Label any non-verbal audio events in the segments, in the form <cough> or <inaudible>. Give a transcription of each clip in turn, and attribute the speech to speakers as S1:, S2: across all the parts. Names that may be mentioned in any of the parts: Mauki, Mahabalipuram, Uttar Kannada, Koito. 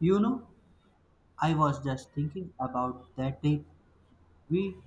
S1: You know, I was just thinking about that trip we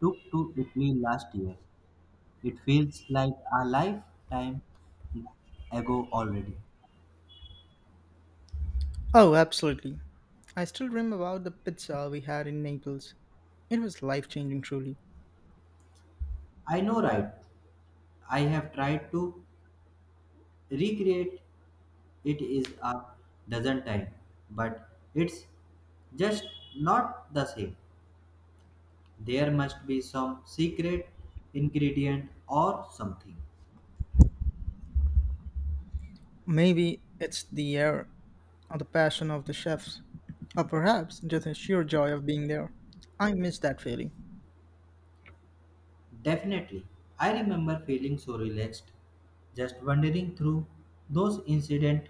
S1: took to Italy last year. It feels like a lifetime ago already.
S2: Oh, absolutely. I still dream about the pizza we had in Naples. It was life changing, truly.
S1: I know, right? I have tried to recreate it is a dozen times, but it's just not the same. There must be some secret ingredient or something.
S2: Maybe it's the air or the passion of the chefs, or perhaps just the sheer joy of being there. I miss that feeling.
S1: Definitely. I remember feeling so relaxed, just wandering through those incident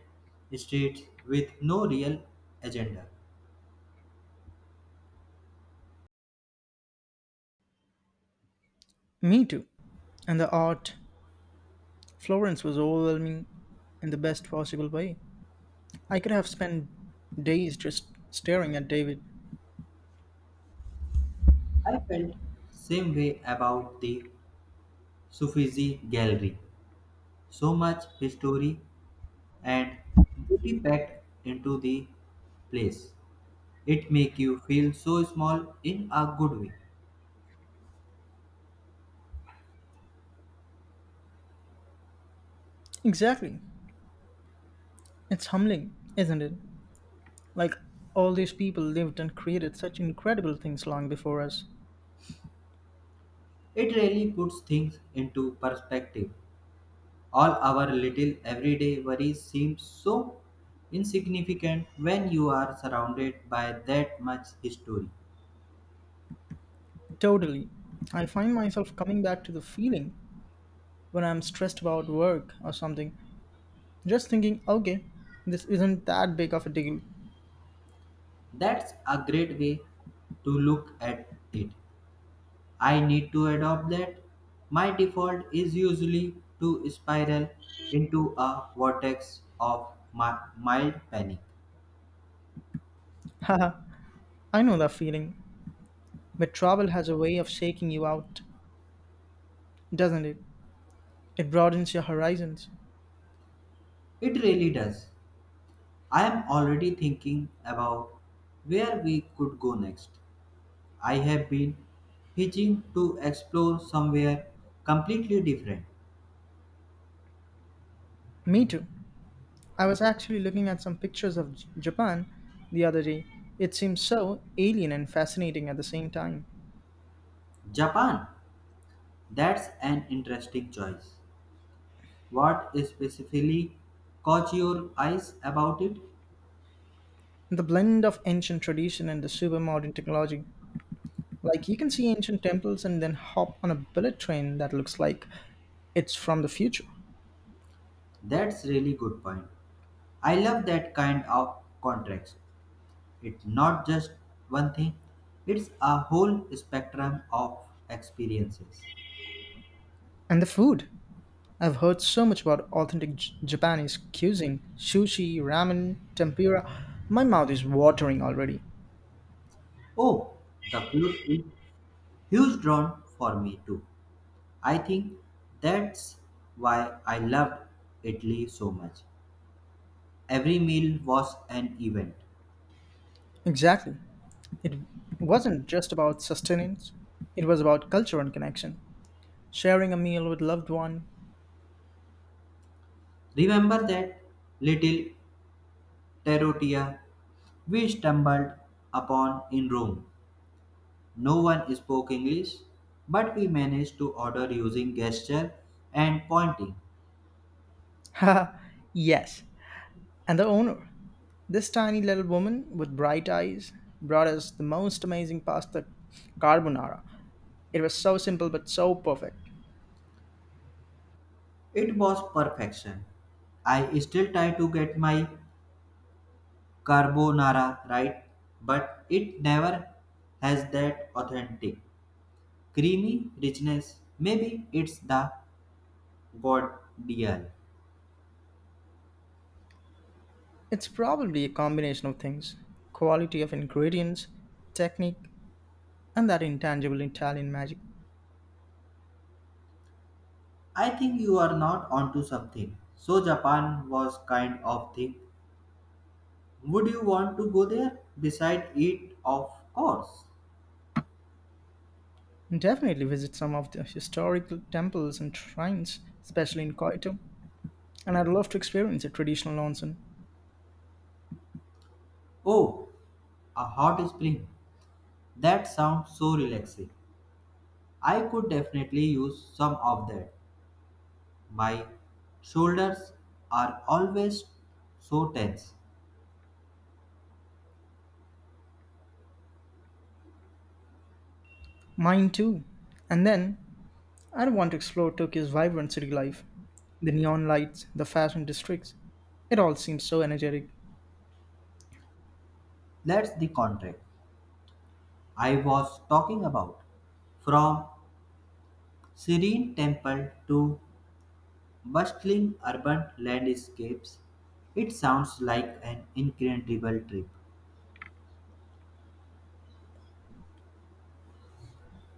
S1: streets with no real agenda.
S2: Me too. And the art, Florence was overwhelming in the best possible way. I could have spent days just staring at David.
S1: I felt same way about the Sufizi gallery. So much history and beauty packed into the place. It make you feel so small in a good way.
S2: Exactly. It's humbling, isn't it? Like all these people lived and created such incredible things long before us.
S1: It really puts things into perspective. All our little everyday worries seem so insignificant when you are surrounded by that much history.
S2: Totally. I find myself coming back to the feeling when I'm stressed about work or something, just thinking, okay, this isn't that big of a deal.
S1: That's a great way to look at it. I need to adopt that. My default is usually to spiral into a vortex of mild panic.
S2: <laughs> Haha, I know that feeling. But travel has a way of shaking you out, doesn't it? It broadens your horizons.
S1: It really does. I am already thinking about where we could go next. I have been itching to explore somewhere completely different.
S2: Me too. I was actually looking at some pictures of Japan the other day. It seems so alien and fascinating at the same time.
S1: Japan, that's an interesting choice. What specifically caught your eyes about it?
S2: The blend of ancient tradition and the super modern technology. Like you can see ancient temples and then hop on a bullet train that looks like it's from the future.
S1: That's really good point. I love that kind of contrast. It's not just one thing, it's a whole spectrum of experiences.
S2: And the food. I've heard so much about authentic Japanese cuisine, sushi, ramen, tempura. My mouth is watering already.
S1: Oh, the food is huge drawn for me too. I think that's why I loved Italy so much. Every meal was an event.
S2: Exactly. It wasn't just about sustenance. It was about culture and connection, sharing a meal with loved one. <laughs>
S1: Remember that little terrotia we stumbled upon in Rome. No one spoke English, but we managed to order using gesture and pointing.
S2: Ha! Yes. And the owner, this tiny little woman with bright eyes, brought us the most amazing pasta carbonara. It was so simple but so perfect.
S1: It was perfection. I still try to get my carbonara right, but it never has that authentic creamy richness. Maybe it's the god deal.
S2: It's probably a combination of things quality of ingredients, technique, and that intangible Italian magic.
S1: I think you are not onto something. So Japan was kind of thing. Would you want to go there? Beside it, of course.
S2: Definitely visit some of the historical temples and shrines, especially in Koito, and I'd love to experience a traditional onsen.
S1: Oh, a hot spring. That sounds so relaxing. I could definitely use some of that. My shoulders are always so tense.
S2: Mine too. And then, I'd want to explore Tokyo's vibrant city life, the neon lights, the fashion districts. It all seems so energetic.
S1: That's the contract I was talking about. From serene temple to bustling urban landscapes, it sounds like an incredible trip.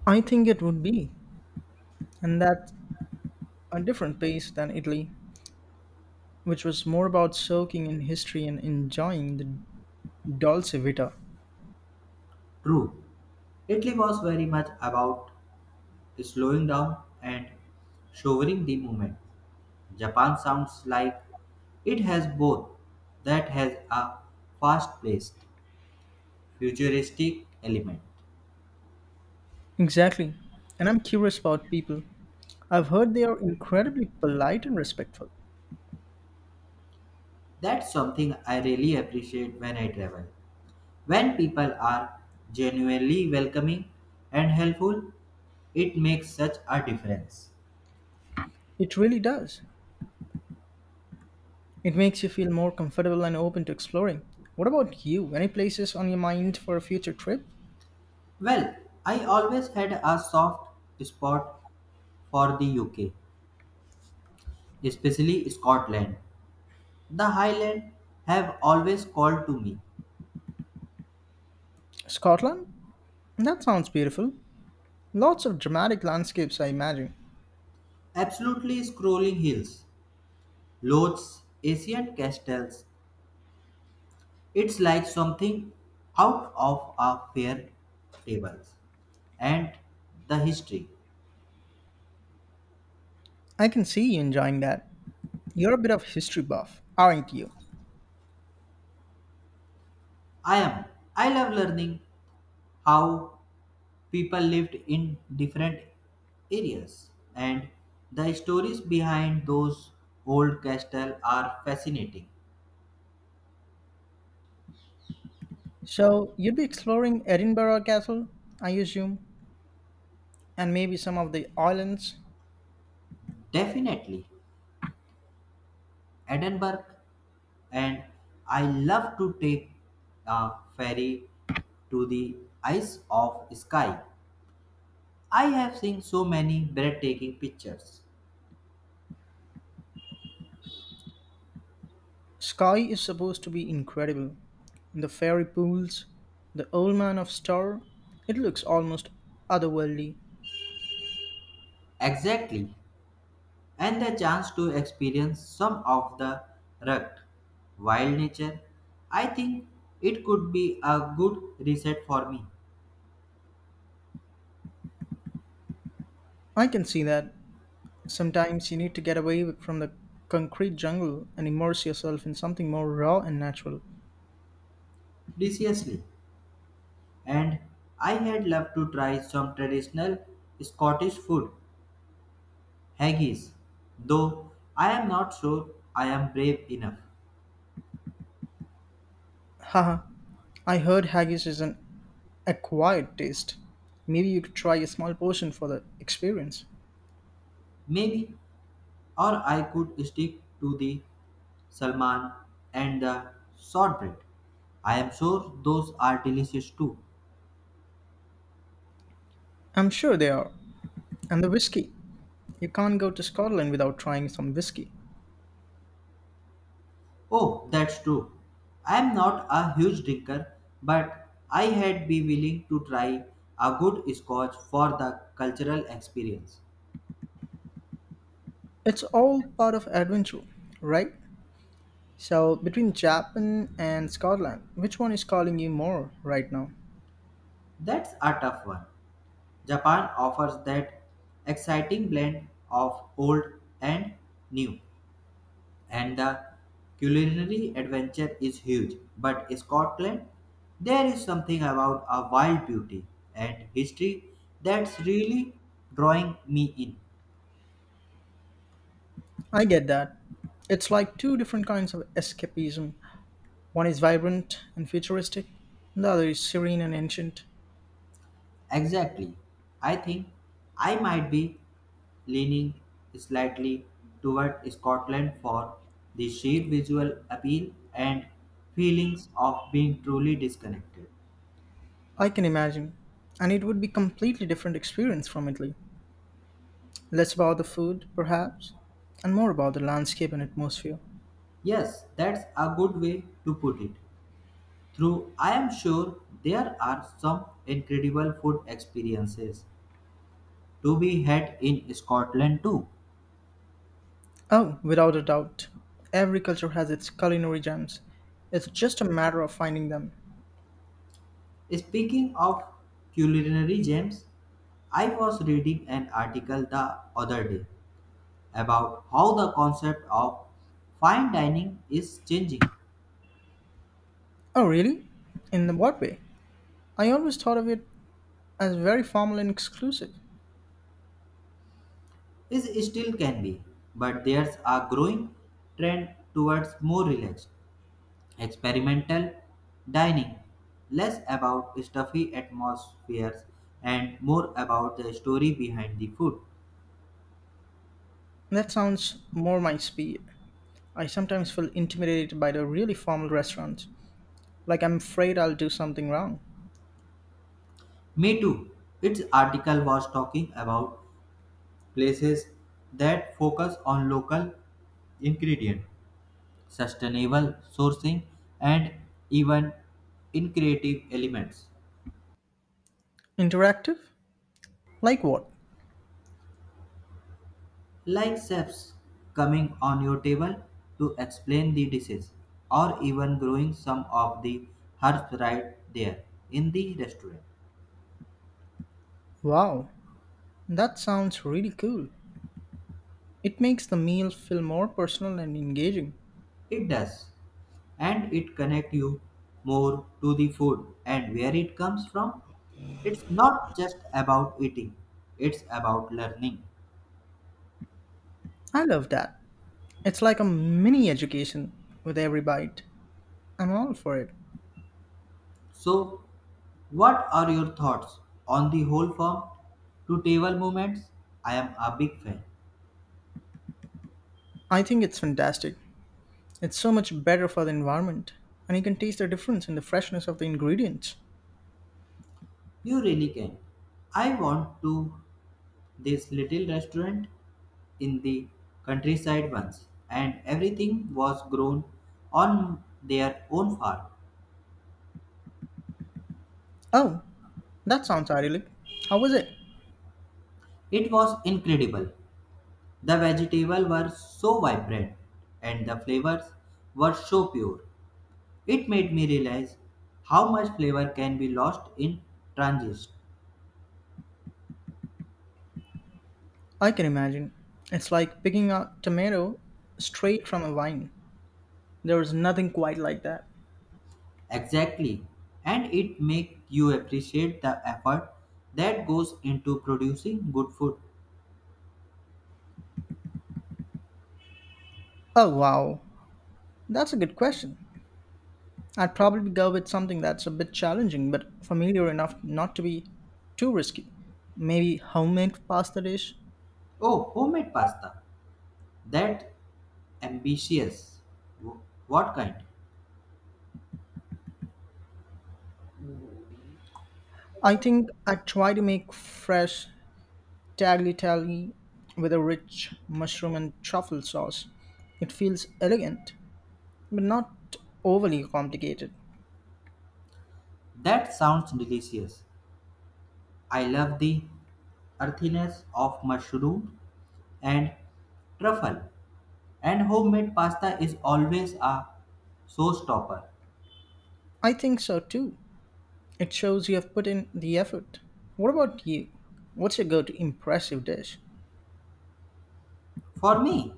S2: I think it would be, and that's a different pace than Italy, which was more about soaking in history and enjoying the dolce vita.
S1: True, Italy was very much about slowing down and savoring the moment. Japan sounds like it has both that has a fast paced, futuristic element.
S2: Exactly. And I'm curious about people. I've heard they are incredibly polite and respectful.
S1: That's something I really appreciate when I travel. When people are genuinely welcoming and helpful, it makes such a difference.
S2: It really does. It makes you feel more comfortable and open to exploring. What about you? Any places on your mind for a future trip?
S1: Well, I always had a soft spot for the UK, especially Scotland. The Highlands have always called to me.
S2: Scotland? That sounds beautiful. Lots of dramatic landscapes, I imagine.
S1: Absolutely scrolling hills, loads, ancient castles. It's like something out of a fairy tables and the history.
S2: I can see you enjoying that. You're a bit of history buff, aren't you?
S1: I am. I love learning how people lived in different areas and the stories behind those old castles are fascinating.
S2: So, you'd be exploring Edinburgh Castle, I assume, and maybe some of the islands.
S1: Definitely Edinburgh, and I love to take a ferry to the Isle of Skye. I have seen so many breathtaking pictures.
S2: Sky is supposed to be incredible. The fairy pools, the old man of star, it looks almost otherworldly.
S1: Exactly, and the chance to experience some of the rugged, wild nature, I think it could be a good reset for me.
S2: I can see that. Sometimes you need to get away from the concrete jungle and immerse yourself in something more raw and natural.
S1: Preciously, and I had loved to try some traditional Scottish food, haggis, though I am not sure I am brave enough.
S2: Haha, I heard haggis is an acquired taste. Maybe you could try a small portion for the experience.
S1: Maybe, or I could stick to the salmon and the shortbread. I am sure those are delicious too.
S2: I'm sure they are. And the whiskey. You can't go to Scotland without trying some whiskey.
S1: Oh, that's true. I am not a huge drinker, but I had be willing to try a good scotch for the cultural experience.
S2: It's all part of adventure, right? So, between Japan and Scotland, which one is calling you more right now?
S1: That's a tough one. Japan offers that exciting blend of old and new, and the culinary adventure is huge. But Scotland, there is something about a wild beauty and history that's really drawing me in.
S2: I get that. It's like two different kinds of escapism. One is vibrant and futuristic, the other is serene and ancient.
S1: Exactly. I think I might be leaning slightly toward Scotland for the sheer visual appeal and feelings of being truly disconnected.
S2: I can imagine. And it would be completely different experience from Italy. Less about the food, perhaps, and more about the landscape and atmosphere.
S1: Yes, that's a good way to put it. Through, I am sure there are some incredible food experiences to be had in Scotland too.
S2: Oh, without a doubt. Every culture has its culinary gems. It's just a matter of finding them.
S1: Speaking of culinary gems, I was reading an article the other day about how the concept of fine dining is changing.
S2: Oh, really? In what way? I always thought of it as very formal and exclusive.
S1: Is still can be, but there's a growing trend towards more relaxed experimental dining, less about stuffy atmospheres and more about the story behind the food.
S2: That sounds more my speed. I sometimes feel intimidated by the really formal restaurants, like I'm afraid I'll do something wrong.
S1: Me too. Its article was talking about places that focus on local ingredient, sustainable sourcing, and even in creative elements,
S2: Interactive? Like what?
S1: like chefs coming on your table to explain the dishes or even growing some of the herbs right there in the restaurant.
S2: Wow, that sounds really cool. It makes the meal feel more personal and engaging.
S1: It does, and it connects you more to the food and where it comes from. It's not just about eating, it's about learning.
S2: I love that. It's like a mini education with every bite. I'm all for it.
S1: So what are your thoughts on the whole farm to table movements? I am a big fan.
S2: I think it's fantastic. It's so much better for the environment, and you can taste the difference in the freshness of the ingredients.
S1: You really can. I want to this little restaurant in the countryside once and everything was grown on their own farm.
S2: Oh, that sounds idyllic. How was it?
S1: It was incredible. The vegetables were so vibrant and the flavors were so pure. It made me realize how much flavor can be lost in transit.
S2: I can imagine. It's like picking a tomato straight from a vine. There is nothing quite like that.
S1: Exactly. And it makes you appreciate the effort that goes into producing good food.
S2: Oh, wow. That's a good question. I'd probably go with something that's a bit challenging but familiar enough not to be too risky. Maybe homemade pasta dish.
S1: Oh, homemade pasta. That ambitious. Wh- What kind?
S2: I think I try to make fresh tagliatelle with a rich mushroom and truffle sauce. It feels elegant, but not overly complicated.
S1: That sounds delicious. I love the earthiness of mushroom and truffle. And homemade pasta is always a showstopper.
S2: I think so too. It shows you have put in the effort. What about you? What's your go to impressive dish?
S1: For me,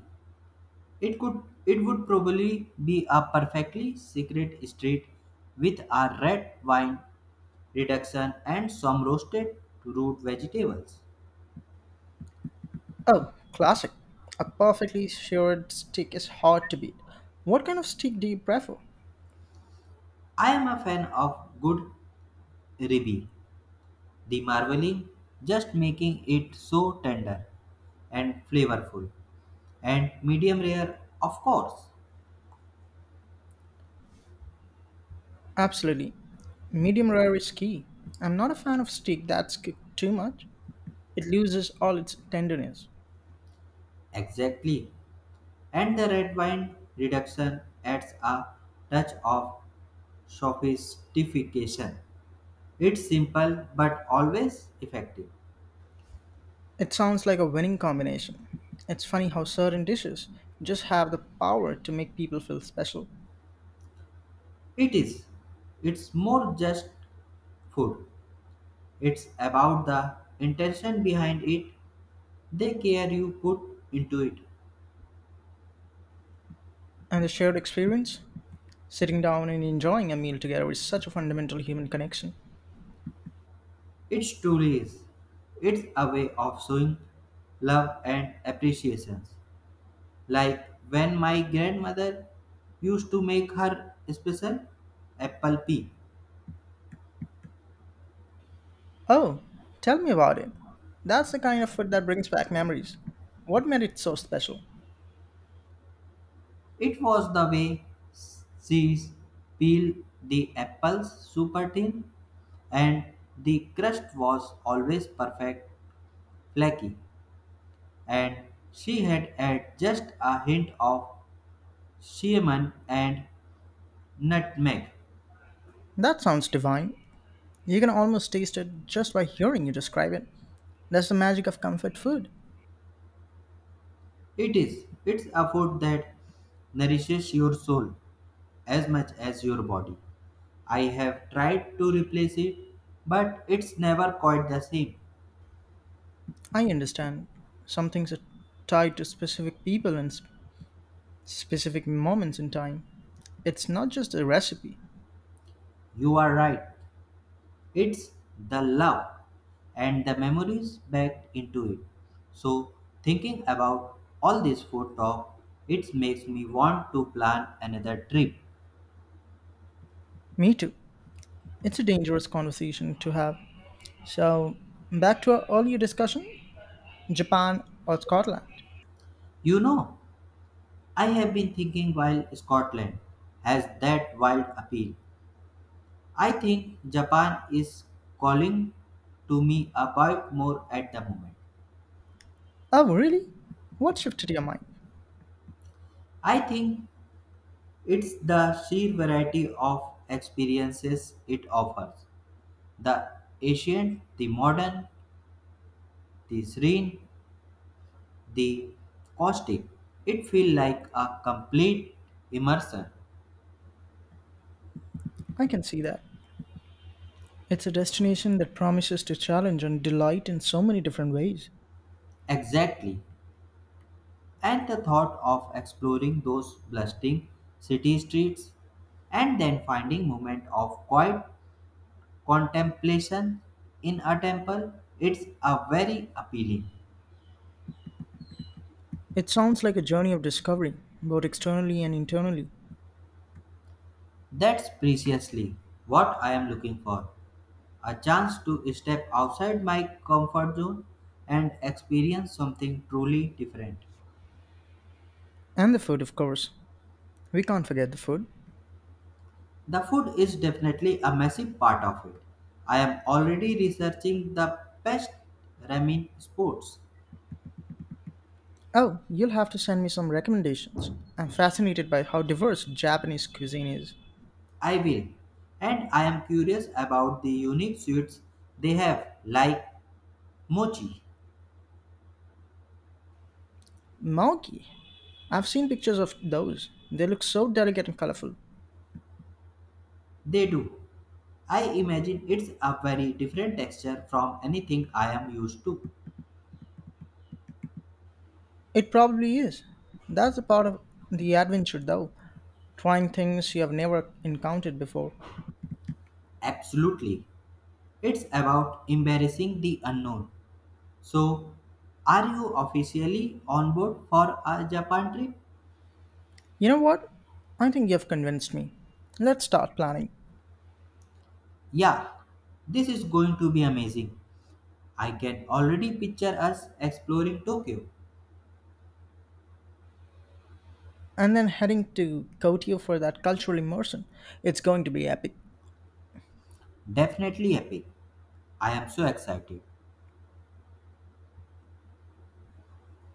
S1: it could it would probably be a perfectly secret street with a red wine reduction and some roasted root vegetables.
S2: Oh, classic. A perfectly seared steak is hard to beat. What kind of steak do you prefer?
S1: I am a fan of good ribeye. The marbling just making it so tender and flavorful, and medium rare of course.
S2: Absolutely. Medium rare is key. I'm not a fan of steak that's cooked too much. It loses all its tenderness.
S1: Exactly. And the red wine reduction adds a touch of sophistication. It's simple but always effective.
S2: It sounds like a winning combination. It's funny how certain dishes just have the power to make people feel special.
S1: It is. It's more just food. It's about the intention behind it, the care you put into it.
S2: And the shared experience, sitting down and enjoying a meal together, is such a fundamental human connection.
S1: It truly is. It's a way of showing love and appreciation. Like when my grandmother used to make her special apple pie.
S2: Oh, tell me about it. That's the kind of food that brings back memories. What made it so special?
S1: It was the way she peeled the apples super thin, and the crust was always perfect, flaky, and she had added just a hint of cinnamon and nutmeg.
S2: That sounds divine. You can almost taste it just by hearing you describe it. That's the magic of comfort food.
S1: It is, it's a food that nourishes your soul as much as your body. I have tried to replace it, but it's never quite the same.
S2: I understand. Some things are tied to specific people and specific moments in time. It's not just a recipe.
S1: You are right. It's the love and the memories backed into it. So, thinking about all this food talk, it makes me want to plan another trip.
S2: Me too. It's a dangerous conversation to have. So, back to our earlier discussion Japan or Scotland.
S1: You know, I have been thinking while Scotland has that wild appeal, I think Japan is calling to me a bit more at the moment.
S2: Oh, really? What shifted your mind?
S1: I think it's the sheer variety of experiences it offers, the ancient, the modern, the serene, the caustic. It feel like a complete immersion.
S2: I can see that. It's a destination that promises to challenge and delight in so many different ways.
S1: Exactly. And the thought of exploring those bustling city streets and then finding moment of quiet contemplation in a temple, it's a very appealing.
S2: It sounds like a journey of discovery, both externally and internally.
S1: That's precisely what I am looking for. A chance to step outside my comfort zone and experience something truly different.
S2: And the food, of course. We can't forget the food.
S1: The food is definitely a massive part of it. I am already researching the best ramen spots.
S2: Oh, you'll have to send me some recommendations. I'm fascinated by how diverse Japanese cuisine is.
S1: I will. And I am curious about the unique sweets they have, like mochi.
S2: Mauki. I've seen pictures of those. They look so delicate and colorful.
S1: They do. I imagine it's a very different texture from anything I am used to.
S2: It probably is. That's the part of the adventure, though, trying things you have never encountered before.
S1: Absolutely. It's about embarrassing the unknown. So, are you officially on board for a Japan trip?
S2: You know what? I think you've convinced me. Let's start planning.
S1: Yeah, this is going to be amazing. I can already picture us exploring Tokyo.
S2: And then heading to Kotio for that cultural immersion. It's going to be epic.
S1: Definitely epic. I am so excited.